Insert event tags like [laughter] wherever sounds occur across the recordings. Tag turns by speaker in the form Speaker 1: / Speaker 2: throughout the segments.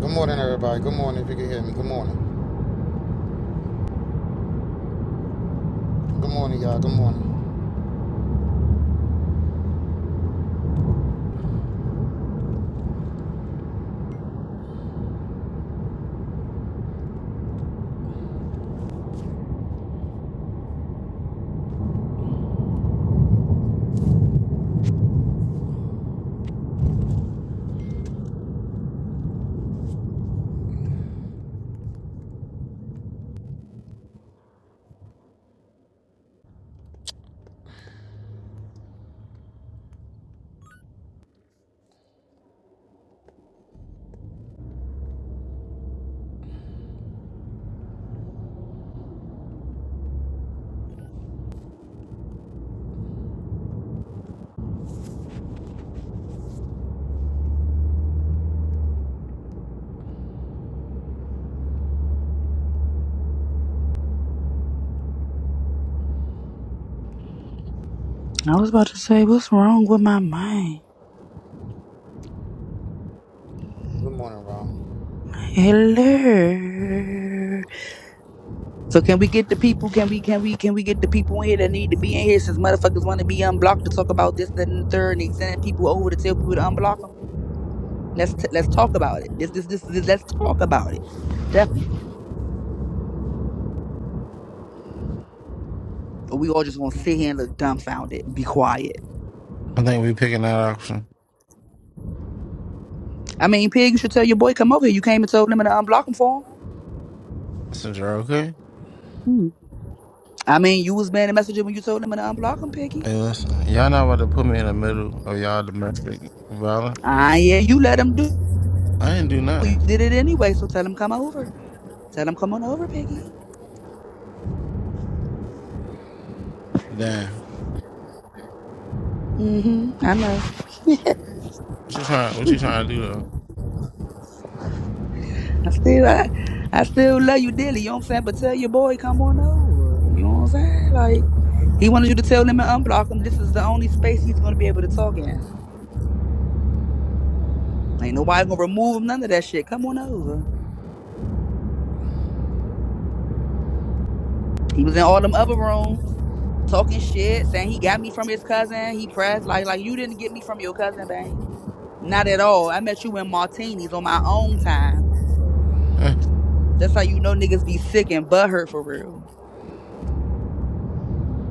Speaker 1: Good morning, everybody. Good morning, if you can hear me. Good morning. Good morning, y'all. Good morning.
Speaker 2: I was about to say, what's wrong with my mind?
Speaker 1: Good morning, Ron.
Speaker 2: Hello. So can we get the people? Can we? Can we? Can we get the people in here that need to be in here? Since motherfuckers want to be unblocked to talk about this, that, and the third, and they sending people over to tell people to unblock them. Let's t- let's talk about it. This, this this this let's talk about it. Definitely. Or we all just gonna sit here and look dumbfounded, and be quiet.
Speaker 3: I think we picking that option.
Speaker 2: I mean, pig, you should tell your boy come over here. You came and told him to unblock him for him.
Speaker 3: Messenger, okay?
Speaker 2: Hmm. I mean, you was being a messenger when you told him to unblock him, piggy.
Speaker 3: Hey, listen, y'all not about to put me in the middle of y'all domestic violence.
Speaker 2: Ah, yeah, you let him do.
Speaker 3: I didn't do
Speaker 2: Well, you
Speaker 3: nothing.
Speaker 2: did it anyway, so tell him come over. Tell him come on over, Piggy.
Speaker 3: Damn.
Speaker 2: hmm I know.
Speaker 3: What you trying? What you trying to do
Speaker 2: I still I, I still love you dearly, you know what I'm saying? But tell your boy come on over. You know what I'm saying? Like he wanted you to tell him and unblock him. This is the only space he's gonna be able to talk in. Ain't nobody gonna remove him, none of that shit. Come on over. He was in all them other rooms talking shit, saying he got me from his cousin. He pressed like like you didn't get me from your cousin, bang. Not at all. I met you in martinis on my own time That's how you know niggas be sick and butthurt for real.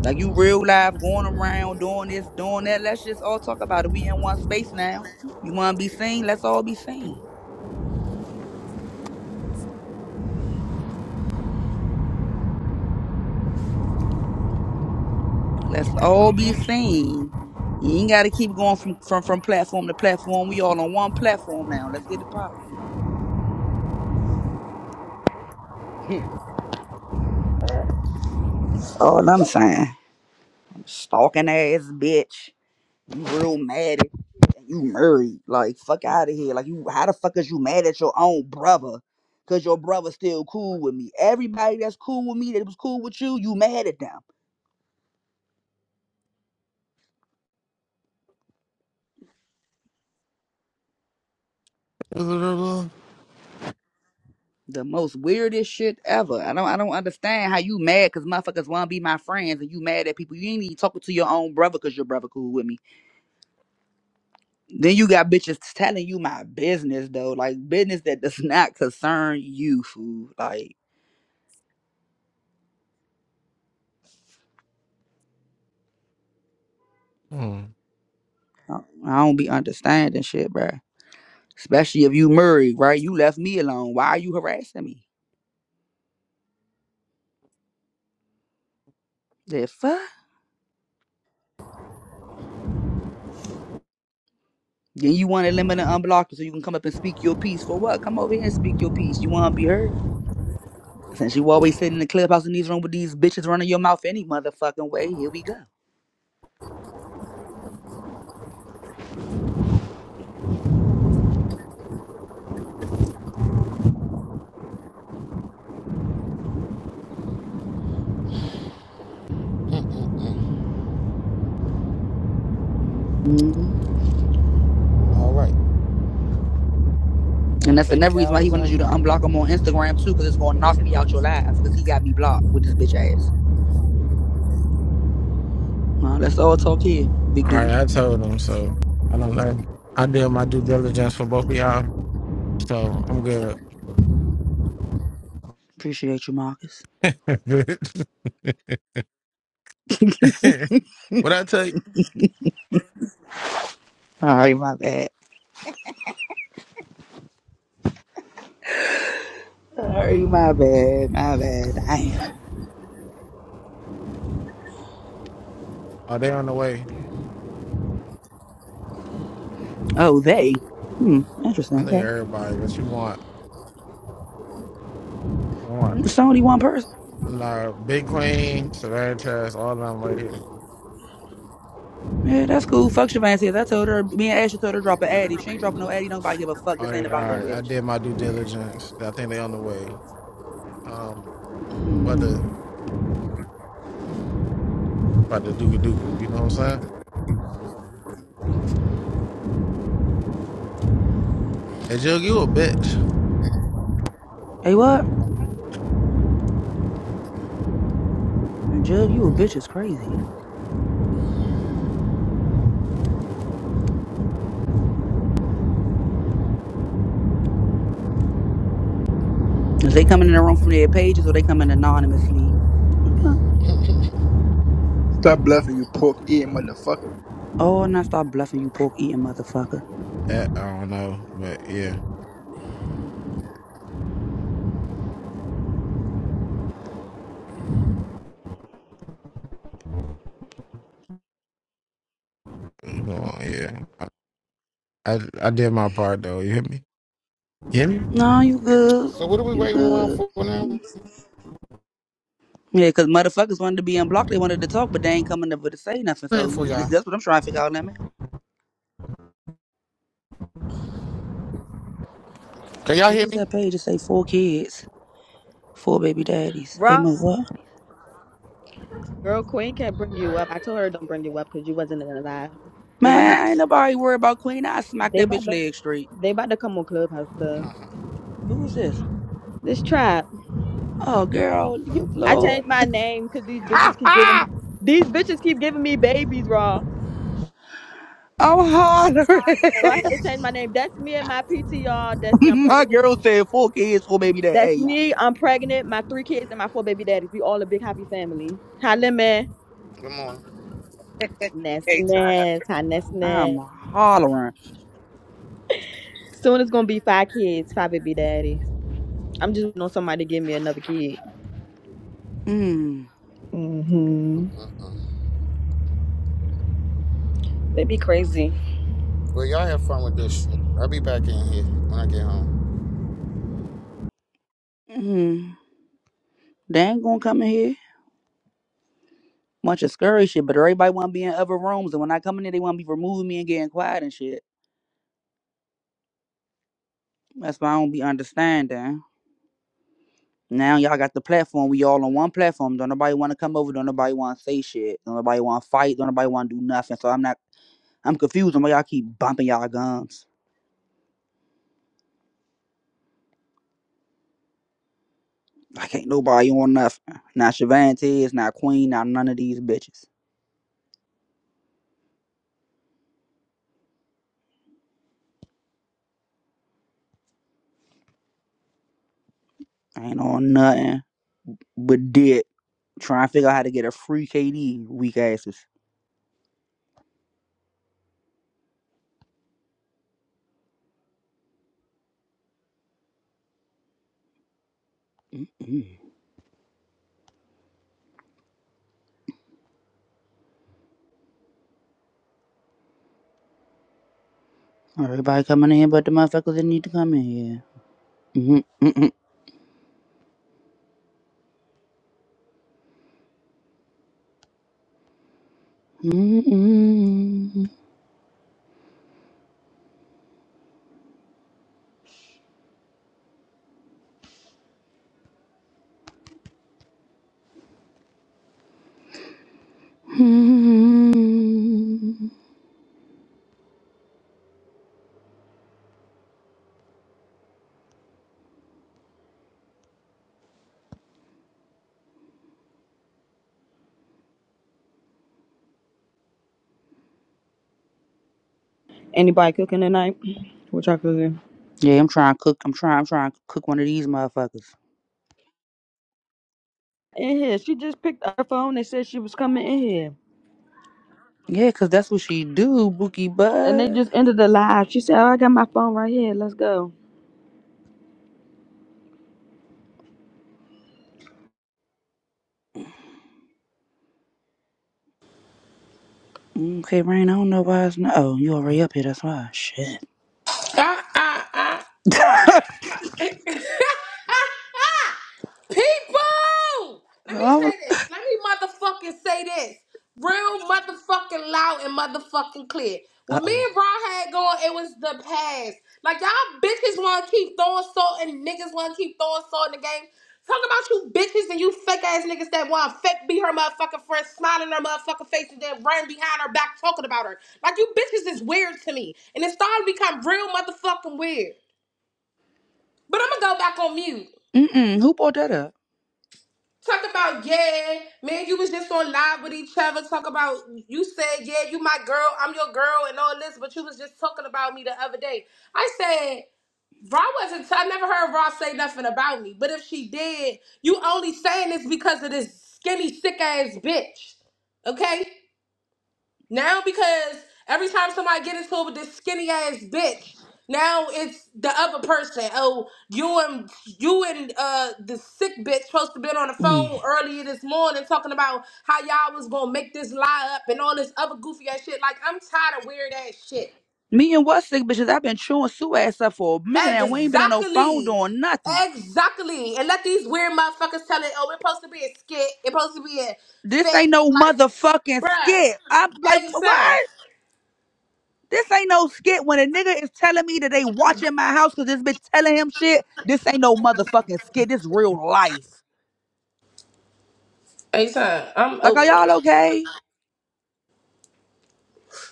Speaker 2: Like you real live going around doing this, doing that. Let's just all talk about it. We in one space now. You wanna be seen? Let's all be seen. Let's all be seen. You ain't gotta keep going from from from platform to platform. We all on one platform now. Let's get it popping. [laughs] That's all I'm saying. Stalking ass bitch. You real mad you married. Like, fuck out of here. Like, you, how the fuck is you mad at your own brother? Cause your brother's still cool with me. Everybody that's cool with me that was cool with you, you mad at them.
Speaker 3: though? [laughs]
Speaker 2: The most weirdest shit ever. I don't, I don't understand how you mad because motherfuckers want to be my friends and you mad at people. You ain't even talking to your own brother because your brother cool with me. Then you got bitches telling you my business though, like business that does [laughs] not concern you, fool. Like,
Speaker 3: hmm.
Speaker 2: I I don't be understanding shit, bruh. Especially if you Murray, right? You left me alone. Why are you harassing me? The fuck? Then you want to limit and unblock it so you can come up and speak your piece. For what? Come over here and speak your piece. You want to be heard? Since you always sitting in the clubhouse in these room with these bitches running your mouth any motherfucking way, here we go. Mhm.
Speaker 1: All right. Oh,
Speaker 2: And that's
Speaker 1: baby
Speaker 2: another reason
Speaker 1: cows
Speaker 2: why
Speaker 1: or
Speaker 2: he wanted you to
Speaker 1: something?
Speaker 2: unblock him on Instagram
Speaker 1: Yeah.
Speaker 2: too, because it's gonna
Speaker 1: No, those
Speaker 2: knock
Speaker 1: are
Speaker 2: me out your
Speaker 1: goats.
Speaker 2: life because he got me blocked with this bitch ass. Uh, let's all talk here, big
Speaker 3: All
Speaker 2: dude.
Speaker 3: right, I told them. So I don't know. I did my due diligence for both of y'all, so I'm good.
Speaker 2: Appreciate you, Marcus.
Speaker 3: [laughs]
Speaker 2: [laughs]
Speaker 3: what I take?
Speaker 2: all right, my bad. Sorry, my bad, my bad. Damn.
Speaker 3: Are they on the way?
Speaker 2: Oh, they. Hmm,
Speaker 3: I
Speaker 2: interesting.
Speaker 3: think
Speaker 2: Okay.
Speaker 3: everybody that you want want.
Speaker 2: It's only one person.
Speaker 3: Nah, Big Queen, Savannah Trash, all of them right here.
Speaker 2: Yeah, that's cool. Fuck Siobhan says. I told her, me and Ashley told her to drop an ad. If she ain't dropping no ad, don't nobody give a fuck.
Speaker 3: All
Speaker 2: This ain't
Speaker 3: right, all
Speaker 2: about that
Speaker 3: right. I
Speaker 2: bitch.
Speaker 3: did my due diligence. I think they on the way. Um, about
Speaker 2: Mm-hmm.
Speaker 3: the about the Duka Duka. You know what I'm saying? Hey, Jug, you a bitch?
Speaker 2: Hey, what? And Jug, you a bitch is crazy. Is they coming in the room from their pages or they coming anonymously?
Speaker 1: [laughs]
Speaker 4: Stop bluffing, you pork eating motherfucker.
Speaker 2: Oh, and I start bluffing you pork eating motherfucker.
Speaker 3: Eh, I don't know, but yeah, you know, yeah. I, I I did my part though. You hear me? You hear me?
Speaker 2: No, you good.
Speaker 1: So, what are we
Speaker 2: You
Speaker 1: waiting around
Speaker 2: good.
Speaker 1: for now?
Speaker 2: Yeah, 'cause motherfuckers wanted to be unblocked. They wanted to talk, but they ain't coming over to say nothing.
Speaker 1: Waiting
Speaker 2: So
Speaker 1: for
Speaker 2: [laughs]
Speaker 1: y'all.
Speaker 2: that's what I'm trying to figure out, now.
Speaker 1: Can y'all
Speaker 2: Who
Speaker 1: hear
Speaker 2: was
Speaker 1: me?
Speaker 2: that page to say four kids, four baby daddies? Hey,
Speaker 5: Bro,
Speaker 2: my what?
Speaker 5: girl, Queen can't bring you up. I told her don't bring you up because you wasn't in the live. They about to,
Speaker 2: Man,
Speaker 5: get-
Speaker 2: ain't nobody worried about Queen. I smacked
Speaker 5: they
Speaker 2: that
Speaker 5: about
Speaker 2: bitch
Speaker 5: to,
Speaker 2: leg straight.
Speaker 5: they about to come on Clubhouse stuff.
Speaker 2: Who was this?
Speaker 5: This trap.
Speaker 2: Oh, girl, you
Speaker 5: I
Speaker 2: Lord.
Speaker 5: changed my name because these bitches
Speaker 2: [laughs]
Speaker 5: keep giving me, these bitches keep giving me babies, raw.
Speaker 2: I'm hollering.
Speaker 5: So I had to change my name. That's me and my PT, y'all. That's me. I'm
Speaker 2: [laughs] My
Speaker 5: pregnant.
Speaker 2: girl said four kids, four baby daddies. Hey,
Speaker 5: That's
Speaker 2: young.
Speaker 5: me. I'm pregnant. My three kids and my four baby daddies. We all a big happy family. Hi, lemon.
Speaker 1: Good morning.
Speaker 5: Ness,
Speaker 6: Hey, Todd.
Speaker 5: ness. Hi, ness,
Speaker 2: I'm
Speaker 5: ness.
Speaker 2: hollering.
Speaker 5: Soon it's gonna be five kids, five baby daddies. I'm just waiting on somebody to give me another kid.
Speaker 2: Mm,
Speaker 5: hmm
Speaker 1: Uh-uh.
Speaker 5: They be crazy.
Speaker 1: Well, y'all have fun with this shit. I'll be back in here when I get home.
Speaker 2: mm. They ain't gonna come in here. Bunch of scurry shit, but everybody wanna be in other rooms, and when I come in there, they wanna be removing me and getting quiet and shit. That's why I don't be understanding. Now y'all got the platform. We all on one platform. Don't nobody want to come over. Don't nobody want to say shit. Don't nobody want to fight. Don't nobody want to do nothing. So I'm not. I'm confused on why y'all keep bumping y'all gums. Like ain't nobody on nothing. Not Shavantez, not Queen, not none of these bitches. I ain't on nothing but dick. Trying to figure out how to get a free KD. Weak asses. Mm. Everybody coming in, but the motherfuckers that need to come in here. Mm-hmm. Mm-mm. Mm-mm. Mm-mm.
Speaker 5: Anybody cooking tonight? What y'all cooking?
Speaker 2: Yeah, I'm trying to cook. I'm trying. I'm trying to cook one of these motherfuckers.
Speaker 5: In here. She just picked up her phone and said she was coming in here.
Speaker 2: Yeah, cause that's what she do, Bookie
Speaker 5: And they
Speaker 2: Bud.
Speaker 5: just ended the live. She said, Oh, I got my phone right here. Let's go.
Speaker 2: Okay, Rain. I don't know why it's not. Oh, you already up here. That's why. Shit.
Speaker 7: Ah, ah, ah, rah.
Speaker 2: [laughs]
Speaker 7: [laughs] People! Let me
Speaker 2: Uh
Speaker 7: say this. Let me motherfucking say this. Real motherfucking loud and motherfucking clear. What me
Speaker 2: oh.
Speaker 7: and Ron had going, it was the past. Like y'all bitches wanna keep throwing salt and niggas wanna keep throwing salt in the game. Talk about you bitches and you fake ass niggas that wanna fake be her motherfucking friend, smiling in her motherfucking face and then run behind her back talking about her. Like you bitches is weird to me. And it's starting to become real motherfucking weird. But I'm gonna go back on mute.
Speaker 2: Mm mm. Who brought that up?
Speaker 7: Talk about yeah, man. You was just on live with each other. Talk about you said yeah, you my girl, I'm your girl, and all this. But you was just talking about me the other day. I said Raw wasn't. I never heard Raw say nothing about me. But if she did, you only saying this because of this skinny sick ass bitch. Okay. Now because every time somebody gets into it with this skinny ass bitch, now it's the other person. Oh, you and you and uh the sick bitch supposed to been on the
Speaker 2: Mm.
Speaker 7: phone earlier this morning talking about how y'all was gonna make this lie up and all this other goofy ass shit. Like I'm tired of weird ass shit.
Speaker 2: Me and what sick bitches? I've been chewing Sue ass up for a minute and we ain't been on no phone
Speaker 7: Exactly.
Speaker 2: doing nothing.
Speaker 7: Exactly. And let these weird motherfuckers tell it, oh, it's supposed to be a skit, it's supposed to be a
Speaker 2: This ain't
Speaker 7: fake,
Speaker 2: no
Speaker 7: like,
Speaker 2: motherfucking
Speaker 7: bruh.
Speaker 2: skit. I'm like,
Speaker 7: Hey son.
Speaker 2: what? This ain't no skit. When a nigga is telling me that they watching my house because this bitch telling him shit, this ain't no motherfucking skit. This real life.
Speaker 7: Hey son, I'm
Speaker 2: Like, are
Speaker 7: over it.
Speaker 2: y'all okay?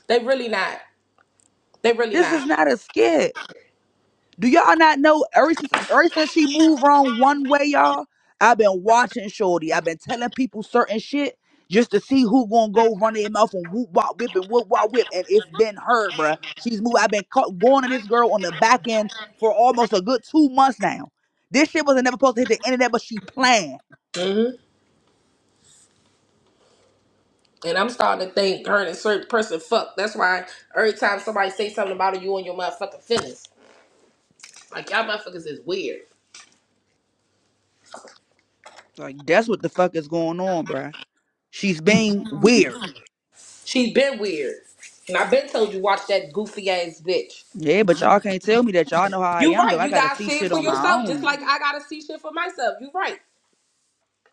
Speaker 7: They really not. They really
Speaker 2: This
Speaker 7: not.
Speaker 2: is not a skit. Do y'all not know ever since ever since she moved wrong one way, y'all? I've been watching Shorty. I've been telling people certain shit just to see who gonna go run their mouth and whoop wop whip and whoop wop whip. And it's been her, bruh. She's moved. I've been caught going to this girl on the back end for almost a good two months now. This shit wasn't never supposed to hit the internet, but she planned.
Speaker 7: hmm And I'm starting to think her and a certain person fuck. That's why every time somebody say something about her, you and your motherfucking feelings. Like y'all motherfuckers is weird.
Speaker 2: Like that's what the fuck is going on, bruh. She's being weird.
Speaker 7: She's been weird. And I've been told you watch that goofy ass bitch.
Speaker 2: Yeah, but y'all can't tell me that y'all know how I
Speaker 7: You
Speaker 2: am though.
Speaker 7: right,
Speaker 2: I
Speaker 7: you
Speaker 2: gotta
Speaker 7: gotta
Speaker 2: see
Speaker 7: see it
Speaker 2: shit
Speaker 7: for
Speaker 2: on my
Speaker 7: yourself, just
Speaker 2: own.
Speaker 7: like I gotta see shit for myself. You right.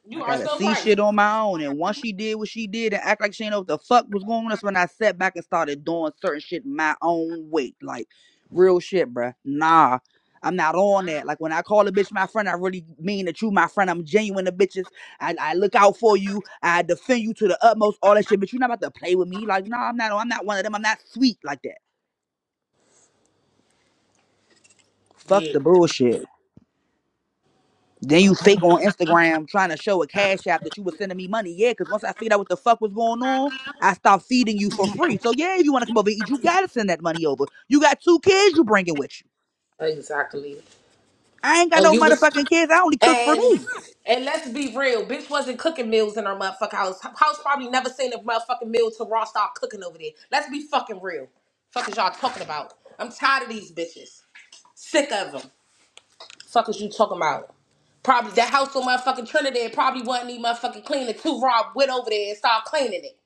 Speaker 7: You
Speaker 2: I
Speaker 7: are
Speaker 2: gotta
Speaker 7: so
Speaker 2: see
Speaker 7: right.
Speaker 2: shit on my own. And once she did what she did and act like she didn't know what the fuck was going on, that's when I sat back and started doing certain shit my own way. Like real shit, bruh. Nah. I'm not on that. Like when I call a bitch my friend, I really mean that you my friend. I'm genuine to bitches. I, I look out for you. I defend you to the utmost, all that shit. But you're not about to play with me. Like, nah, I'm not I'm not one of them. I'm not sweet like that. Fuck
Speaker 7: Weird.
Speaker 2: the bullshit. Then you fake on Instagram trying to show a cash app that you was sending me money. Yeah, because once I figured out what the fuck was going on, I stopped feeding you for free. So yeah, if you want to come over and eat, you gotta send that money over. You got two kids you bringing with you.
Speaker 7: Exactly.
Speaker 2: I ain't got
Speaker 7: And
Speaker 2: no
Speaker 7: you was
Speaker 2: motherfucking kids. I only cook for
Speaker 7: And
Speaker 2: me.
Speaker 7: and let's be real, bitch wasn't cooking meals in her motherfucking house. Her House probably never seen a motherfucking meal till Raw start cooking over there. Let's be fucking real. Fuck is y'all talking about? I'm tired of these bitches. Sick of them. Fuck is you talking about? Probably that house on motherfucking Trinidad probably wasn't even motherfucking clean until Rob went over there and started cleaning it.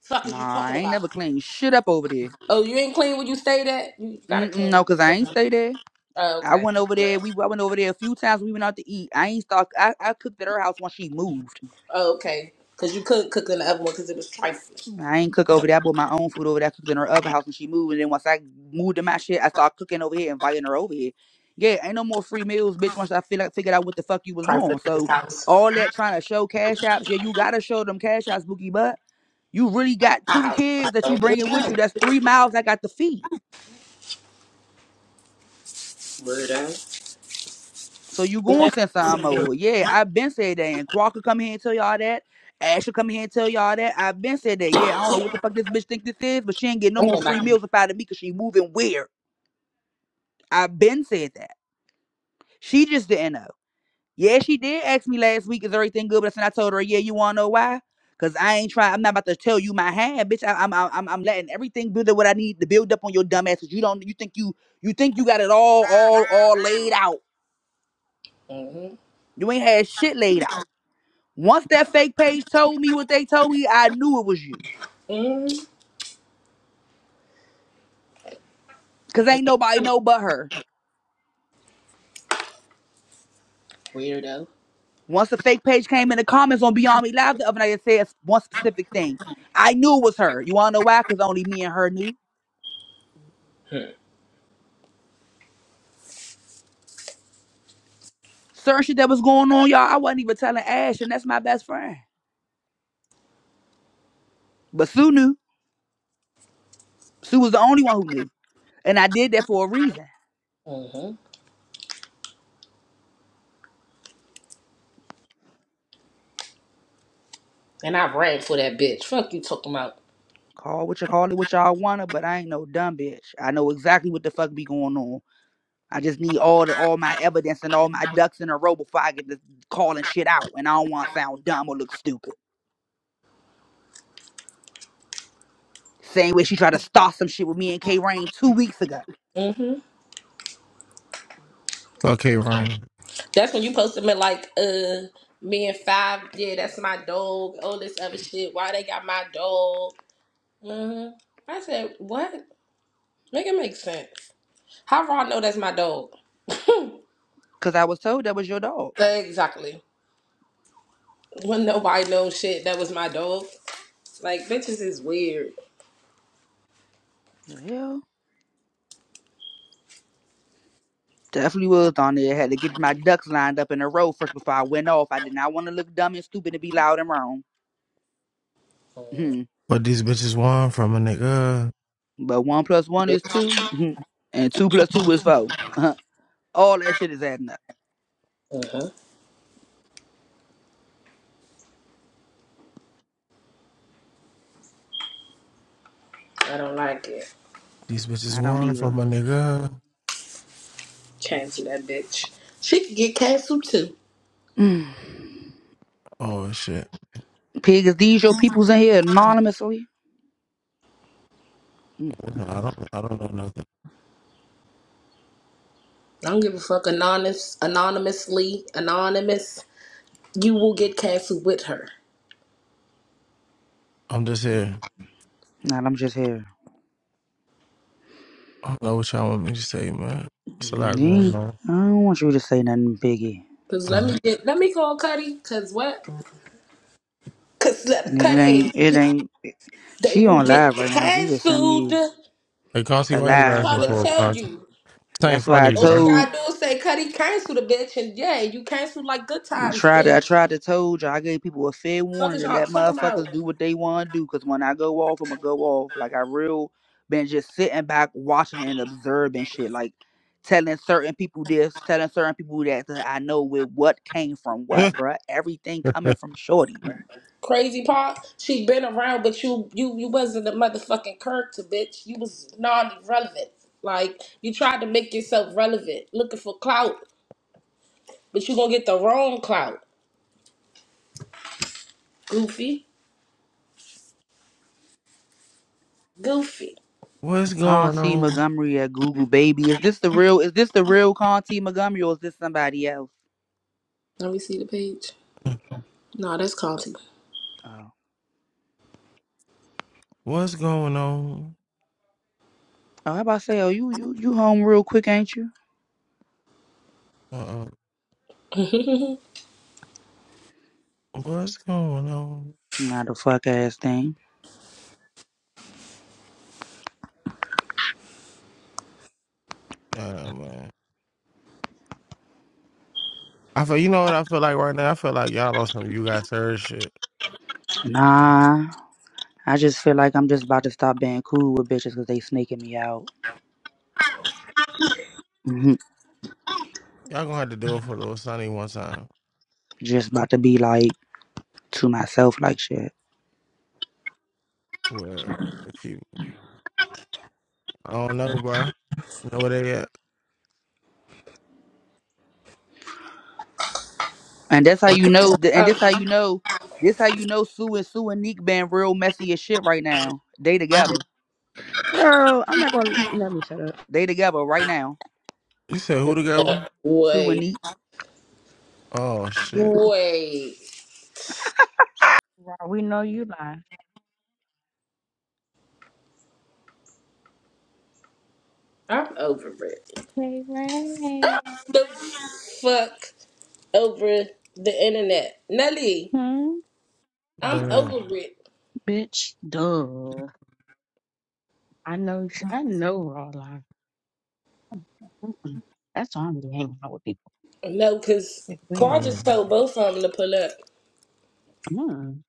Speaker 7: Fuck is you
Speaker 2: Nah,
Speaker 7: talking
Speaker 2: I ain't
Speaker 7: about?
Speaker 2: never cleaned shit up over there.
Speaker 7: Oh, you ain't clean when you stayed at? You gotta clean.
Speaker 2: Mm-mm,
Speaker 7: when
Speaker 2: no, cause
Speaker 7: you
Speaker 2: I ain't
Speaker 7: stayed.
Speaker 2: stay there.
Speaker 7: Oh,
Speaker 2: I
Speaker 7: okay.
Speaker 2: went over there. We I went over there a few times. We went out to eat. I ain't start. I, I cooked at her house when she moved.
Speaker 7: Oh, okay. Cause you couldn't cook in the other one because it was trifling.
Speaker 2: I ain't cook over there. I bought my own food over there. I cooked in her other house when she moved. And then once I moved to my shit, I started cooking over here, inviting her over here. Yeah, ain't no more free meals, bitch. Once I feel like figured out what the fuck you was
Speaker 7: Trifling.
Speaker 2: doing. So all that trying to show cash apps, yeah, you gotta show them cash apps, Bookie. But you really got two
Speaker 7: house.
Speaker 2: kids that
Speaker 7: So,
Speaker 2: you
Speaker 7: good
Speaker 2: bringing with
Speaker 7: job,
Speaker 2: you. That's three miles I got to feed.
Speaker 7: weirdo.
Speaker 2: So you gonna send something over? Yeah, I've been said that. And Quark come here and tell y'all that. Ash will come here and tell y'all that. I've been said that. Yeah, I don't know what the fuck this bitch think this is, but she ain't getting no more free meals up out of me because she moving weird. I've been said that. She just didn't know. Yeah, she did ask me last week, is everything good? But then I told her, yeah, you wanna know why? Cause I ain't trying. I'm not about to tell you my hand, bitch. I, I'm, I'm I'm I'm letting everything build up what I need to build up on your dumb ass. 'Cause you don't. You think you you think you got it all all all laid out. You ain't had shit laid out. Once that fake page told me what they told me, I knew it was you.
Speaker 7: Mm-hmm.
Speaker 2: Cause ain't nobody know but her.
Speaker 7: Weirdo.
Speaker 2: Once the fake page came in the comments on Beyond Me Live the other night, it said one specific thing. I knew it was her. You wanna know why? Cause only me and her knew. Certain shit that was going on, y'all, I wasn't even telling Ash, and that's my best friend. But Sue knew. Sue was the only one who knew. And I did that for a reason.
Speaker 7: Mm-hmm. And I ran for that bitch. Fuck you talking about.
Speaker 2: Call what you call it, what y'all wanna, but I ain't no dumb bitch. I know exactly what the fuck be going on. I just need all the all my evidence and all my ducks in a row before I get to calling shit out. And I don't wanna sound dumb or look stupid. Same way she tried to start some shit with me and K Rain two weeks ago.
Speaker 7: hmm
Speaker 3: Okay, Ryan.
Speaker 7: That's when you posted me like, uh, me and Five, yeah, that's my dog. All this other shit. Why they got my dog? hmm I said, what? Make it make sense. How do I know that's my dog?
Speaker 2: Cause I was told that was your dog.
Speaker 7: Exactly. When nobody knows shit, that was my dog. Like, bitches is weird.
Speaker 2: The hell. Definitely was on there. Had to get my ducks lined up in a row first before I went off. I did not want to look dumb and stupid and be loud and wrong. Mhm.
Speaker 3: What these bitches want from a nigga?
Speaker 2: But one plus one is 2 Mhm. and two plus two is 4 Uh-huh. All that shit is adding up.
Speaker 7: hmm I don't like it.
Speaker 3: These bitches
Speaker 2: I don't
Speaker 3: want from
Speaker 2: even.
Speaker 3: a nigga.
Speaker 7: Cancel that bitch. She could get canceled too.
Speaker 2: Mm.
Speaker 3: Oh shit.
Speaker 2: Pig, is these your peoples in here anonymously? Mm.
Speaker 3: No, I don't. I don't know nothing.
Speaker 7: I don't give a fuck. Anonymous, anonymously, anonymous. You will get canceled with her.
Speaker 3: I'm just here.
Speaker 2: Nah, I'm just here.
Speaker 3: I don't know what y'all want me to say, man. It's a lot
Speaker 2: Mm,
Speaker 3: going
Speaker 2: ain't-
Speaker 3: on.
Speaker 2: I don't want you to say nothing, Piggy.
Speaker 7: Cause let
Speaker 3: Uh,
Speaker 7: me get, let me call Cudi. Cause what? Cause let
Speaker 2: It
Speaker 7: Cudi.
Speaker 2: ain't. It ain't.
Speaker 7: They
Speaker 2: She
Speaker 7: will
Speaker 2: on
Speaker 7: get
Speaker 2: live right now. She just sent
Speaker 7: canceled.
Speaker 2: me
Speaker 3: hey, Concy,
Speaker 2: a
Speaker 3: why you
Speaker 7: I'm
Speaker 2: live,
Speaker 3: laughing
Speaker 7: trying to
Speaker 2: but
Speaker 3: for,
Speaker 7: tell
Speaker 3: Concy?
Speaker 7: you.
Speaker 3: This ain't
Speaker 2: that's why I
Speaker 3: funny,
Speaker 7: All she
Speaker 3: bro.
Speaker 2: told.
Speaker 7: gotta do is say Cudi cancel the bitch, and yeah, you canceled like good
Speaker 2: I
Speaker 7: times,
Speaker 2: tried to, I
Speaker 7: bitch.
Speaker 2: tried to told you I gave people a fair
Speaker 7: Fuck
Speaker 2: warning
Speaker 7: is
Speaker 2: to
Speaker 7: y'all
Speaker 2: let
Speaker 7: talking about?
Speaker 2: motherfuckers do what they want to do. Cause when I go off, I'ma go off. Like I real been just sitting back, watching and observing shit. Like telling certain people this, telling certain people that. 'cause I know where what came from what,
Speaker 3: [laughs]
Speaker 2: bruh. Everything coming from Shorty, bruh.
Speaker 7: Crazy Pop, she been around, but you you you wasn't the motherfucking character, bitch. You was non-relevant. Like you tried to make yourself relevant, looking for clout, but you gonna get the wrong clout. Goofy, goofy.
Speaker 3: What's
Speaker 2: Con
Speaker 3: going
Speaker 2: T
Speaker 3: on?
Speaker 2: Montgomery at Google Baby. Is this the real? Is this the real Con T Montgomery or is this somebody else?
Speaker 7: Let me see the page. No, that's Conti.
Speaker 2: Oh,
Speaker 3: What's going on?
Speaker 2: oh, I about say, oh, you you you home real quick, ain't you?
Speaker 3: Uh,
Speaker 7: [laughs]
Speaker 3: what's going on?
Speaker 2: Not a fuck ass thing.
Speaker 3: Uh, man. I feel you know what I feel like right now. I feel like y'all on some you guys heard shit.
Speaker 2: Nah, I just feel like I'm just about to stop being cool with bitches because they sneaking me out. hmm
Speaker 3: Y'all gonna have to do it for little Sonny one time.
Speaker 2: Just about to be like to myself like shit.
Speaker 3: Well, if you, I don't know, bro. Know where they at?
Speaker 2: And that's how you know. th- And this
Speaker 7: Oh,
Speaker 2: how you know. This how you know Sue and Sue and Neek being real messy as shit right now. They together.
Speaker 5: Girl, I'm not gonna let me shut up.
Speaker 2: They together right now.
Speaker 3: You said who together?
Speaker 2: Sue and
Speaker 7: wait,
Speaker 2: Neek.
Speaker 3: Oh shit!
Speaker 7: wait.
Speaker 8: We know you lie,
Speaker 7: I'm over it.
Speaker 8: Hey, Ray.
Speaker 7: The fuck over the internet, Nelly.
Speaker 8: Hmm?
Speaker 7: I'm
Speaker 3: Damn,
Speaker 7: over it.
Speaker 8: Bitch, duh. I know, I know we're all lying. Mm-mm. That's why I'm hanging out with people.
Speaker 7: No, cause
Speaker 8: Wait, wait.
Speaker 7: Claude just
Speaker 3: damn.
Speaker 7: told both of them to pull up.
Speaker 8: Mm.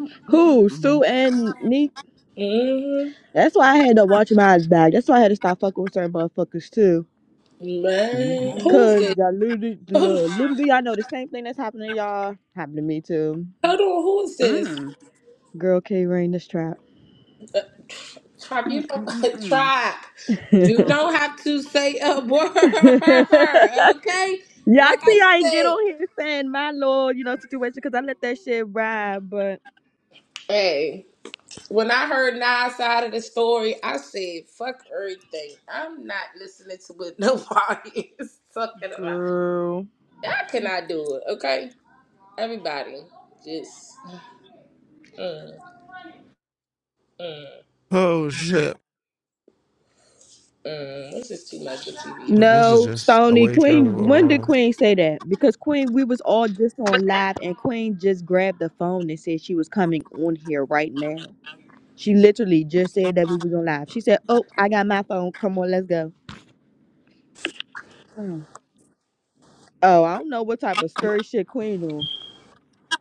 Speaker 8: Mm, mm,
Speaker 5: Who? Sue
Speaker 8: mm, mm.
Speaker 5: and Neek?
Speaker 7: Mm-hmm.
Speaker 5: That's why I had to watch my eyes back. That's why I had to stop fucking with certain motherfuckers too.
Speaker 7: Man,
Speaker 8: Mhm.
Speaker 7: who's
Speaker 5: Cause
Speaker 7: this?
Speaker 5: y'all literally,
Speaker 7: [laughs] Hold
Speaker 5: look, literally, y'all know the same thing that's happening to y'all happened to me too.
Speaker 7: on, who's this?
Speaker 8: Mm.
Speaker 5: Girl K rain this trap.
Speaker 7: Uh, Tribe,
Speaker 8: Mm,
Speaker 7: you
Speaker 8: mm,
Speaker 7: don't,
Speaker 8: mm,
Speaker 7: [laughs]
Speaker 8: mm.
Speaker 7: tribe, you don't have to say a [laughs] word,
Speaker 5: [laughs]
Speaker 7: okay?
Speaker 5: Y'all
Speaker 7: Like I
Speaker 5: see, I ain't get
Speaker 7: said,
Speaker 5: on here saying my lord, you know, situation because I let that shit ride. But
Speaker 7: hey, when I heard Nas side of the story, I said, fuck everything. I'm not listening to what nobody [laughs] is talking about.
Speaker 5: Girl.
Speaker 7: I cannot do it, okay? Everybody, just, mm, mm,
Speaker 3: Oh shit!
Speaker 7: mm. This is too much for TV.
Speaker 3: So this is
Speaker 5: no,
Speaker 3: just a
Speaker 5: Stony
Speaker 3: way to go
Speaker 5: Queen. When did
Speaker 3: wrong.
Speaker 5: Queen say that? Because Queen, we was all just on live, and Queen just grabbed the phone and said she was coming on here right now. She literally just said that we was on live. She said, "Oh, I got my phone. Come on, let's go."
Speaker 8: Mm,
Speaker 5: Oh, I don't know what type of scurry shit Queen on.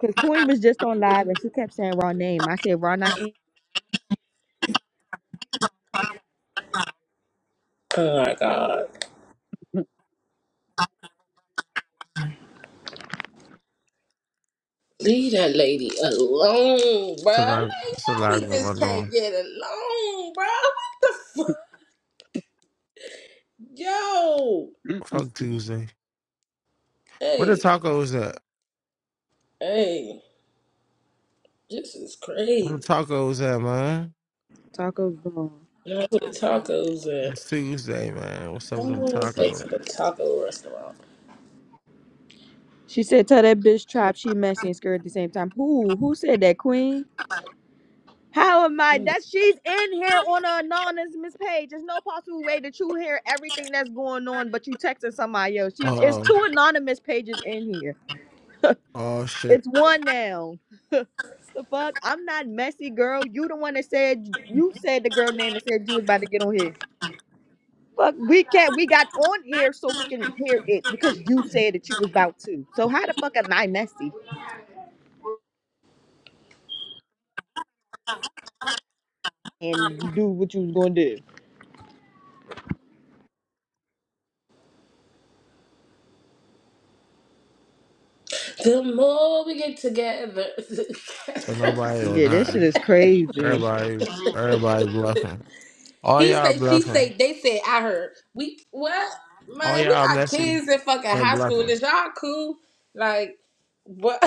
Speaker 5: Cause Queen was just on live and she kept saying raw name. I said raw not in.
Speaker 7: Oh my God.
Speaker 8: mm,
Speaker 7: Leave that lady alone, bruh. Like,
Speaker 3: lot. It's a
Speaker 7: why we
Speaker 3: lot
Speaker 7: Yeah. just
Speaker 3: going
Speaker 7: can't
Speaker 3: on.
Speaker 7: get along, bruh? What the fuck? Yo!
Speaker 8: mm, mm,
Speaker 3: Fuck
Speaker 8: mm.
Speaker 3: Tuesday. What the
Speaker 7: Hey,
Speaker 3: tacos at?
Speaker 7: hey, this is
Speaker 3: Where the
Speaker 7: crazy.
Speaker 3: tacos at, man?
Speaker 5: Tacos gone.
Speaker 7: Now where the tacos at?
Speaker 3: It's Tuesday, man. What's up with
Speaker 7: Come
Speaker 3: them
Speaker 7: on, let's go
Speaker 3: tacos?
Speaker 7: to the taco restaurant.
Speaker 5: She said, "Tell that bitch trap she messy and scared at the same time." Who? Who said that, Queen? How am I? That she's in here on an anonymous page. There's no possible way that you hear everything that's going on, but you texting somebody else. She's it's
Speaker 3: Oh,
Speaker 5: two anonymous pages in here.
Speaker 3: oh shit.
Speaker 5: It's one now. The fuck? I'm not messy, girl. You the one that said you said the girl name and said you was about to get on here. Fuck, we can't. We got on here so we can hear it because you said that you was about to. So how the fuck am I messy and do what you was gonna do?
Speaker 7: The more we get together,
Speaker 3: So nobody
Speaker 7: [laughs]
Speaker 3: or
Speaker 5: Yeah, that shit
Speaker 3: nothing.
Speaker 5: is crazy.
Speaker 3: Everybody, everybody bluffing. All
Speaker 7: He
Speaker 3: y'all
Speaker 7: say, she say,
Speaker 3: bluffing.
Speaker 7: they said, I heard. We what?
Speaker 3: All
Speaker 7: Man, we
Speaker 3: y'all
Speaker 7: got
Speaker 3: messy
Speaker 7: kids in fucking
Speaker 3: and
Speaker 7: high school.
Speaker 3: bluffing.
Speaker 7: Is y'all cool? Like what?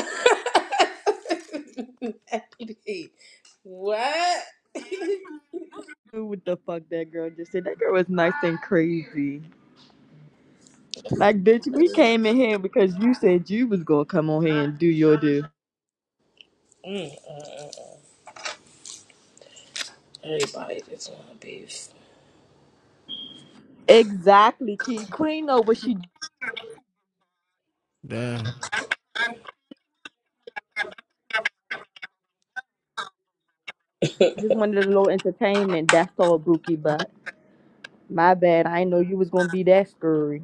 Speaker 7: [laughs] what?
Speaker 5: What the fuck that girl just said? That girl was nice and crazy. Like, bitch, we came in here because you said you was gonna come on here and do your do.
Speaker 7: Mm-mm. Everybody just want beef.
Speaker 5: Exactly, Key Queen know what she
Speaker 3: Damn.
Speaker 5: just wanted a little entertainment. That's all, Bookie. But my bad, I didn't know you was gonna be that scary.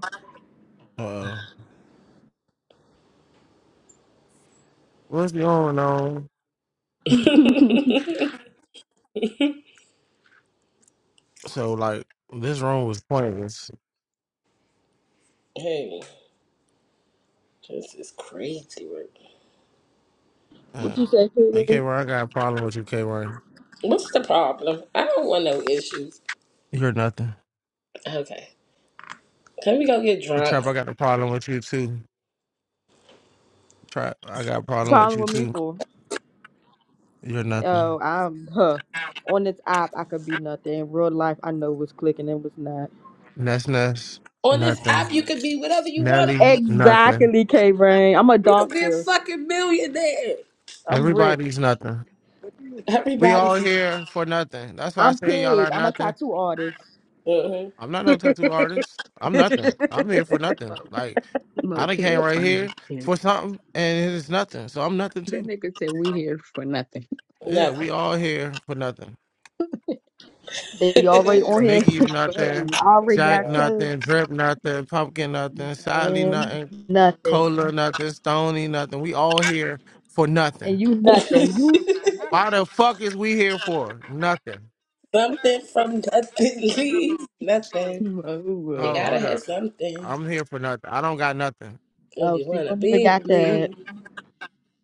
Speaker 3: Uh, what's going on?
Speaker 7: [laughs]
Speaker 5: [laughs]
Speaker 3: So like, this room was pointless.
Speaker 7: hey, this is crazy. Right?
Speaker 3: Uh,
Speaker 5: What you say?
Speaker 3: hey, K.
Speaker 5: Key?
Speaker 3: Ron, I got a problem with you, K. Ron.
Speaker 7: What's the problem? I don't want no issues.
Speaker 3: You're nothing.
Speaker 7: Okay, can we go get
Speaker 3: The
Speaker 7: drunk?
Speaker 3: trap, I got a problem with you too. Trap, I got a problem with
Speaker 5: Problem
Speaker 3: you
Speaker 5: with me
Speaker 3: too.
Speaker 5: for?
Speaker 3: You're nothing.
Speaker 5: Oh, I'm huh. On this app, I could be nothing. In real life, I know what's clicking and what's not.
Speaker 3: Ness Ness,
Speaker 7: On this
Speaker 3: nothing.
Speaker 7: app, you can be whatever you want to
Speaker 3: Nelly,
Speaker 7: be.
Speaker 3: nothing.
Speaker 5: Exactly, K Rain. I'm a
Speaker 7: You can be a
Speaker 5: doctor.
Speaker 7: fucking millionaire.
Speaker 5: I'm Rick.
Speaker 3: Everybody's nothing. We all
Speaker 7: Everybody.
Speaker 3: here for nothing. That's why I
Speaker 5: I'm
Speaker 3: say y'all
Speaker 5: Pig.
Speaker 3: are
Speaker 5: I'm a
Speaker 3: nothing.
Speaker 5: tattoo artist.
Speaker 7: hmm
Speaker 3: I'm not no tattoo artist.
Speaker 5: [laughs]
Speaker 3: I'm
Speaker 5: they
Speaker 3: nothing. I'm here for
Speaker 8: Mo
Speaker 3: nothing. Like I
Speaker 8: Mo
Speaker 3: done came
Speaker 8: Pig
Speaker 3: right
Speaker 8: funny.
Speaker 3: here
Speaker 8: Yeah.
Speaker 3: for something and it's nothing. So I'm nothing
Speaker 8: That
Speaker 3: too.
Speaker 8: nigga said we here for nothing.
Speaker 3: Yeah,
Speaker 7: Nothing.
Speaker 3: we all here for nothing.
Speaker 5: already
Speaker 7: [laughs]
Speaker 5: on here.
Speaker 3: Nikki's
Speaker 6: Basically,
Speaker 8: [laughs]
Speaker 3: nothing.
Speaker 8: Mo,
Speaker 5: I
Speaker 6: you can
Speaker 5: already
Speaker 6: be with
Speaker 3: Jack
Speaker 5: got
Speaker 6: us.
Speaker 5: tattooed
Speaker 3: nothing. Drip nothing. Pumpkin nothing. Sally
Speaker 5: and
Speaker 3: nothing. Cola
Speaker 5: nothing.
Speaker 3: nothing. Stony nothing. We all here for
Speaker 5: And
Speaker 3: nothing.
Speaker 5: you nothing. You
Speaker 3: Why the fuck is we here for? Nothing.
Speaker 7: something from nothing leaves nothing.
Speaker 8: Mo,
Speaker 7: You
Speaker 8: Mo,
Speaker 3: Oh,
Speaker 7: gotta
Speaker 3: hold
Speaker 7: have
Speaker 3: up.
Speaker 7: something
Speaker 3: I'm here for nothing. I don't got nothing.
Speaker 7: if
Speaker 5: oh,
Speaker 7: you
Speaker 5: see, you
Speaker 7: wanna
Speaker 5: don't even
Speaker 7: be
Speaker 5: got
Speaker 7: with
Speaker 5: that
Speaker 7: me.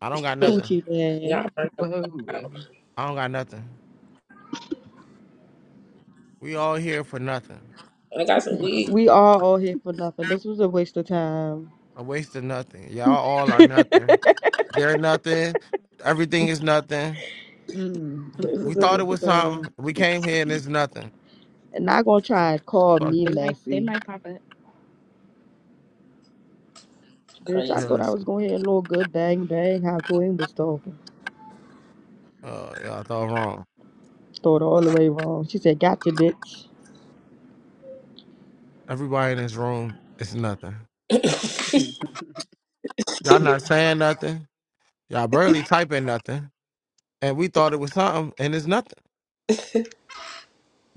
Speaker 3: I don't got
Speaker 7: [laughs]
Speaker 3: nothing.
Speaker 5: coochie
Speaker 7: Y'all
Speaker 5: man.
Speaker 7: burn the fuck
Speaker 8: Mo.
Speaker 7: out.
Speaker 3: I don't got nothing. We all here for nothing.
Speaker 7: I got some weed.
Speaker 5: We all all here for nothing. This was a waste of time.
Speaker 3: A waste of nothing. Y'all all are
Speaker 5: [laughs]
Speaker 3: nothing. They're nothing. Everything is nothing.
Speaker 8: Mm, mm,
Speaker 5: This
Speaker 8: mm,
Speaker 3: We
Speaker 5: is a
Speaker 3: thought it
Speaker 5: waste
Speaker 3: was
Speaker 5: of
Speaker 3: something.
Speaker 5: time.
Speaker 3: We came here and it's
Speaker 8: mm.
Speaker 3: nothing.
Speaker 5: And not gonna try and call
Speaker 3: Fuck
Speaker 5: me
Speaker 8: They
Speaker 3: it.
Speaker 8: might, they
Speaker 5: messy.
Speaker 8: might pop up.
Speaker 5: Bitch, I
Speaker 3: Hey,
Speaker 7: Crazy.
Speaker 5: thought I
Speaker 3: listen.
Speaker 5: was going to hear a little good bang bang how Queen was talking.
Speaker 3: Oh, y'all thought wrong.
Speaker 5: Thought all the way wrong. She said, Gotcha, bitch.
Speaker 3: Everybody in this room is nothing.
Speaker 8: Hmm.
Speaker 3: Y'all
Speaker 8: My
Speaker 3: not saying nothing. Y'all barely typing nothing. And we thought it was something and it's nothing.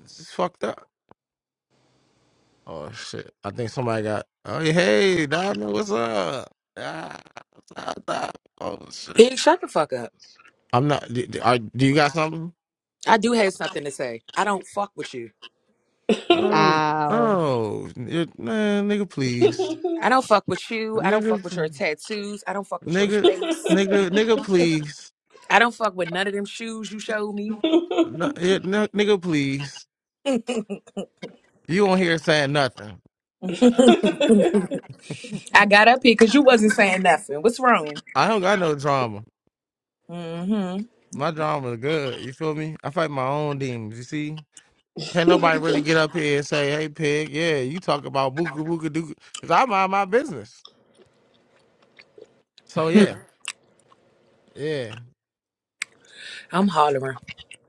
Speaker 3: It's just fucked up. Oh shit! I think somebody got. Oh yeah, hey Diamond, what's up? Ah, what's up, Diamond? Oh shit!
Speaker 9: Pig, shut the fuck up.
Speaker 3: I'm not. Do, do- are, do you got something?
Speaker 9: I do have something to say. I don't fuck with you.
Speaker 3: Oh,
Speaker 5: Ow.
Speaker 3: oh, n- man, nigga,
Speaker 7: [laughs]
Speaker 3: please,
Speaker 9: I don't fuck with you. I don't
Speaker 3: nigga,
Speaker 9: fuck with your
Speaker 3: p-
Speaker 9: tattoos. I don't fuck with your
Speaker 3: nigga,
Speaker 9: face.
Speaker 3: nigga, nigga, please,
Speaker 9: I don't fuck with none of them shoes you showed me.
Speaker 3: no, yeah, no, nigga, please.
Speaker 9: [laughs] I
Speaker 3: You won't hear saying nothing.
Speaker 9: got up here because you wasn't saying nothing. What's wrong?
Speaker 3: I don't got no drama.
Speaker 9: hmm
Speaker 3: My drama is good. You feel me? I fight my own demons. You see? Can't nobody really get up here and say, "Hey, pig, yeah, you talk about booga booga doo," because I mind my business. So yeah, yeah,
Speaker 9: I'm hollering.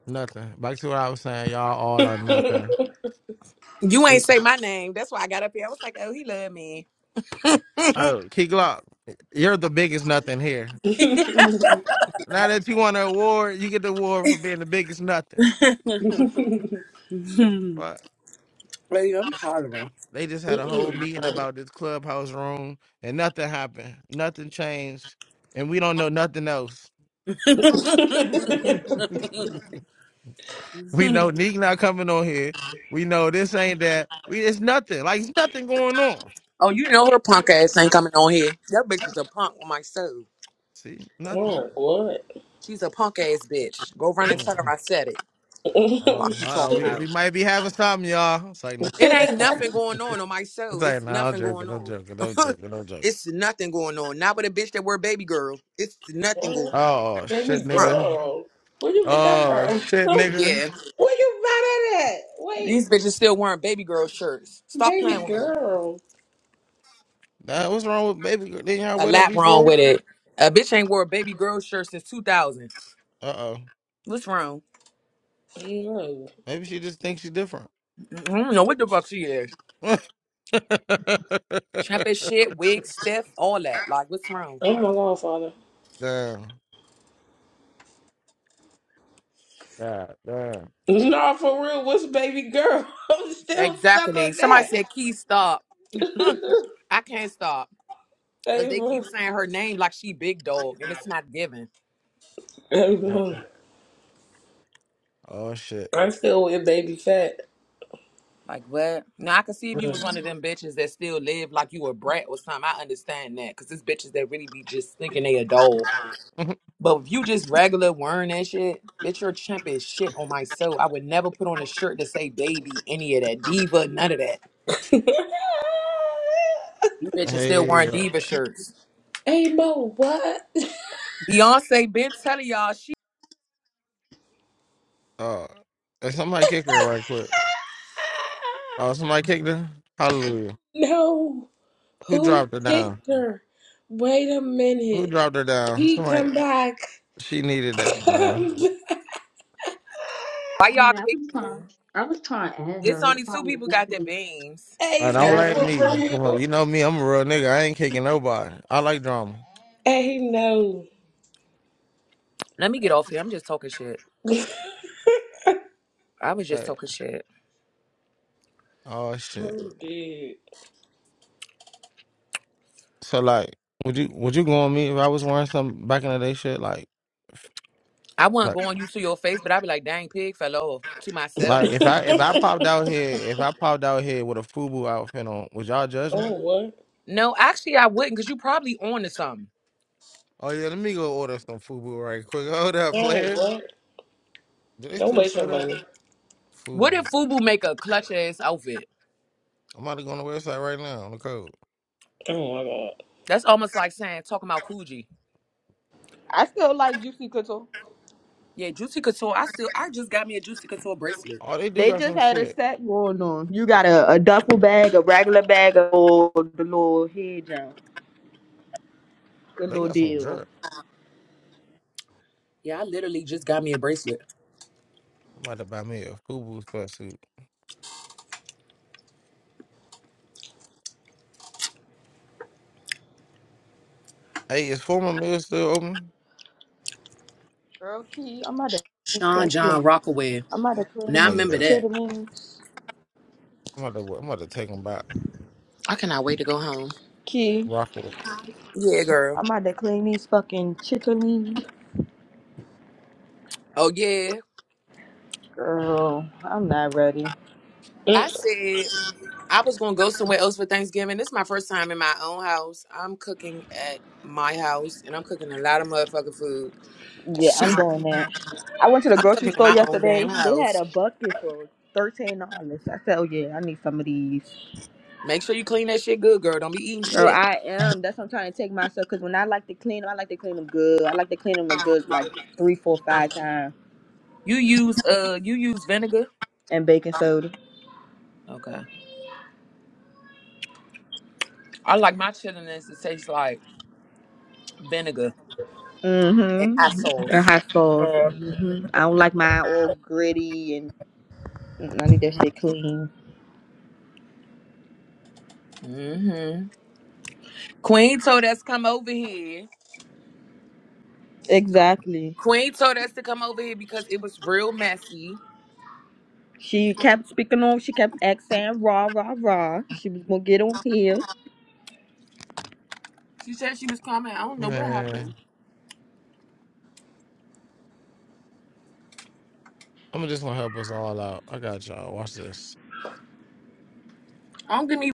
Speaker 3: nothing. Back to what I was saying, y'all all are nothing.
Speaker 9: You
Speaker 3: We,
Speaker 9: ain't say my name. That's why I got up here. I was like, oh, he love me.
Speaker 3: oh, Key Glock, you're the biggest nothing here. Now that you won an award, you get the award for being the biggest nothing.
Speaker 9: [laughs] Mhm.
Speaker 3: But
Speaker 9: Lady, I'm hollering.
Speaker 3: they just had a whole meeting about this clubhouse room, and nothing happened. Nothing changed, and we don't know nothing else.
Speaker 9: [laughs] oh,
Speaker 3: [laughs] We know Neek not coming on here. We know this ain't that. We it's nothing. Like it's nothing going on.
Speaker 9: you know her punk ass ain't coming on here. That bitch is a punk with my soul.
Speaker 3: See, nothing.
Speaker 7: oh, what?
Speaker 9: She's a punk ass bitch. Go run and
Speaker 3: Mm.
Speaker 9: tell her I said it.
Speaker 3: Uh,
Speaker 9: Fuck you
Speaker 7: [laughs]
Speaker 3: uh,
Speaker 9: talking
Speaker 3: we
Speaker 9: about.
Speaker 3: we might be having something, y'all. It's like no.
Speaker 9: It
Speaker 3: [laughs]
Speaker 9: ain't
Speaker 3: it's
Speaker 9: nothing going on on my show.
Speaker 3: like
Speaker 9: It's
Speaker 3: no. I'm
Speaker 9: nothing going
Speaker 3: joking. I'm
Speaker 9: on.
Speaker 3: joking. I'm
Speaker 9: [laughs]
Speaker 3: joking. I'm joking.
Speaker 9: it's nothing going on. Not with a bitch that wear baby girl. It's nothing going on.
Speaker 3: Oh
Speaker 7: Baby
Speaker 3: shit,
Speaker 9: Um,
Speaker 3: nigga.
Speaker 7: girl, where you get that
Speaker 3: Oh
Speaker 7: from? [laughs]
Speaker 3: shit, nigga.
Speaker 9: yeah.
Speaker 7: where you buy that at? Wait,
Speaker 9: These bitches still wearing baby girl shirts. Stop
Speaker 7: baby
Speaker 9: playing with me.
Speaker 7: girl.
Speaker 3: Nah, what's wrong with baby girl? Didn't y'all
Speaker 9: A
Speaker 3: with her
Speaker 9: lap wrong
Speaker 3: before?
Speaker 9: with it. A bitch ain't wore a baby girl shirt since 2000.
Speaker 3: Uh oh.
Speaker 9: What's wrong?
Speaker 7: No.
Speaker 3: Maybe she just thinks she's different.
Speaker 9: I don't know what the fuck she is.
Speaker 3: [laughs] damn.
Speaker 9: Trap as shit, wig, stiff, all that. Like, what's wrong?
Speaker 7: Oh my god, father.
Speaker 3: God damn.
Speaker 7: No, for real, what's baby girl? [laughs] I'm still stuck
Speaker 9: Exactly.
Speaker 7: on
Speaker 9: Somebody
Speaker 7: that.
Speaker 9: said, Key, stop. [laughs] I can't stop. Because
Speaker 7: Hey,
Speaker 9: they
Speaker 7: bro.
Speaker 9: keep saying her name like she big dog, and it's not given.
Speaker 7: Hey,
Speaker 3: Uh,
Speaker 7: bro.
Speaker 3: Oh shit.
Speaker 7: I'm still with baby fat.
Speaker 9: Like, what? Now, I could see if you was one of them bitches that still live like you a brat or something. I understand that. Because it's bitches that really be just thinking they a dog.
Speaker 3: [laughs]
Speaker 9: But if you just regular wearing that shit, bitch, you're chimp as shit on my soul. I would never put on a shirt to say baby, any of that. Diva, none of that.
Speaker 7: [laughs]
Speaker 9: You bitches still wearing
Speaker 3: hey.
Speaker 9: diva shirts.
Speaker 7: hey, Mo, what?
Speaker 9: Beyonce been telling y'all she
Speaker 3: Oh, hey, somebody kick her right quick. Oh,
Speaker 7: [laughs]
Speaker 3: somebody kicked her. Hallelujah.
Speaker 7: no,
Speaker 3: Who
Speaker 7: who
Speaker 3: dropped her down?
Speaker 7: picked her? Wait a
Speaker 3: Who
Speaker 7: minute.
Speaker 3: dropped her down?
Speaker 7: He
Speaker 3: Somebody.
Speaker 7: come back.
Speaker 3: She needed that, man.
Speaker 7: Come [laughs] back.
Speaker 9: why y'all
Speaker 8: bad. I
Speaker 9: kick
Speaker 8: was
Speaker 9: me.
Speaker 8: trying. I was trying to add
Speaker 9: It's
Speaker 8: her.
Speaker 9: only
Speaker 8: if I
Speaker 9: two
Speaker 8: was
Speaker 9: people got their
Speaker 8: listening.
Speaker 9: beams.
Speaker 3: I
Speaker 7: Hey,
Speaker 3: don't
Speaker 8: No,
Speaker 7: no,
Speaker 8: I
Speaker 3: blame
Speaker 7: for
Speaker 8: was
Speaker 3: me.
Speaker 8: trying to.
Speaker 3: Come on,
Speaker 7: real.
Speaker 3: you know me. I'm a real nigga. I ain't kicking nobody.
Speaker 8: I
Speaker 3: I
Speaker 8: was
Speaker 3: like
Speaker 8: trying to
Speaker 3: drama.
Speaker 8: add her. I
Speaker 7: Hey,
Speaker 8: probably
Speaker 7: no.
Speaker 8: accidentally kicked
Speaker 9: Let me get
Speaker 8: her.
Speaker 9: off here. I'm just talking shit. I was just
Speaker 3: Hey.
Speaker 9: talking shit.
Speaker 3: Oh shit.
Speaker 7: Dude.
Speaker 3: So like, would you would you go on me if I was wearing some back in the day shit? Like,
Speaker 9: I wouldn't
Speaker 3: like,
Speaker 9: go on you to your face, but I'd be like, dang pig fell off to myself.
Speaker 3: like if I if
Speaker 7: [laughs]
Speaker 3: I popped out here if I popped out here with a FUBU outfit on, would y'all judge me?
Speaker 7: Oh, what?
Speaker 9: No, actually I wouldn't, because you probably on to something.
Speaker 3: Oh yeah, let me go order some FUBU right quick. [laughs] Hold up,
Speaker 7: Oh,
Speaker 3: player.
Speaker 7: what?
Speaker 3: Do they
Speaker 7: Don't
Speaker 3: still
Speaker 7: waste your
Speaker 3: set up?
Speaker 7: money.
Speaker 9: What
Speaker 3: Fubu.
Speaker 9: if Fubu make a clutch ass outfit?
Speaker 3: I'm about to go on the website right now on the code.
Speaker 7: Oh, my God.
Speaker 9: That's almost like saying talking about Coogee.
Speaker 5: I still like Juicy Couture.
Speaker 9: Yeah, Juicy Couture. I still I just got me a Juicy Couture bracelet.
Speaker 3: Oh, they do
Speaker 5: They
Speaker 3: got
Speaker 5: just
Speaker 3: some
Speaker 5: had a
Speaker 3: shit.
Speaker 5: set going on. You got a, a duffel bag, a regular bag, of all the little head jump. Good
Speaker 3: They
Speaker 5: little
Speaker 3: got some
Speaker 5: deal.
Speaker 3: jerk.
Speaker 9: Yeah, I literally just got me a bracelet.
Speaker 3: I'm about to buy me a Fubu sweatsuit. Hey, is former mill still open?
Speaker 5: Girl, Key, I'm about to clean these
Speaker 9: Sean
Speaker 5: fucking.
Speaker 9: John Rockaway.
Speaker 5: I'm about to
Speaker 9: Now I
Speaker 3: Oh
Speaker 5: clean these
Speaker 9: remember
Speaker 3: yeah.
Speaker 9: that.
Speaker 5: chitterlings.
Speaker 3: I'm about to I'm about to take them back.
Speaker 9: I cannot wait to go home.
Speaker 5: Key,
Speaker 3: Rock with.
Speaker 9: Yeah, girl.
Speaker 5: I'm about to clean these fucking chitterlings.
Speaker 9: Oh yeah.
Speaker 5: Girl, I'm not ready.
Speaker 9: I said I was gonna go somewhere else for Thanksgiving. This is my first time in my own house. I'm cooking at my house, and I'm cooking a lot of motherfucking food. [laughs]
Speaker 5: Yeah,
Speaker 9: So
Speaker 5: I'm doing that. I went to the
Speaker 9: I'm
Speaker 5: grocery
Speaker 9: cooking in
Speaker 5: store
Speaker 9: my own damn
Speaker 5: yesterday. They had
Speaker 9: house.
Speaker 5: a bucket for $13. I said, oh yeah, I need some of these.
Speaker 9: Make sure you clean that shit good, girl. Don't be eating
Speaker 5: Girl,
Speaker 9: shit.
Speaker 5: I am. That's what I'm trying to take myself. Cause when I like to clean 'em, I like to clean them good. I like to clean them a good like three, four, five times.
Speaker 9: You use uh you use vinegar?
Speaker 5: And baking soda.
Speaker 9: Okay. I like my chitlins to taste like vinegar and hot
Speaker 5: Mm-hmm. And
Speaker 9: sauce.
Speaker 5: hot sauce. Mm-hmm. I don't like mine all gritty and mm, I need that shit clean.
Speaker 9: hmm Queen told us come over here.
Speaker 5: Exactly.
Speaker 9: Queen told us to come over here because it was real messy.
Speaker 5: She kept speaking on. She kept asking, "Raw, rah, rah." She was gonna get on here.
Speaker 9: She said she was coming. I don't know what happened.
Speaker 3: Man. I'm just gonna help us all out. I got y'all. Watch this.
Speaker 9: I don't give me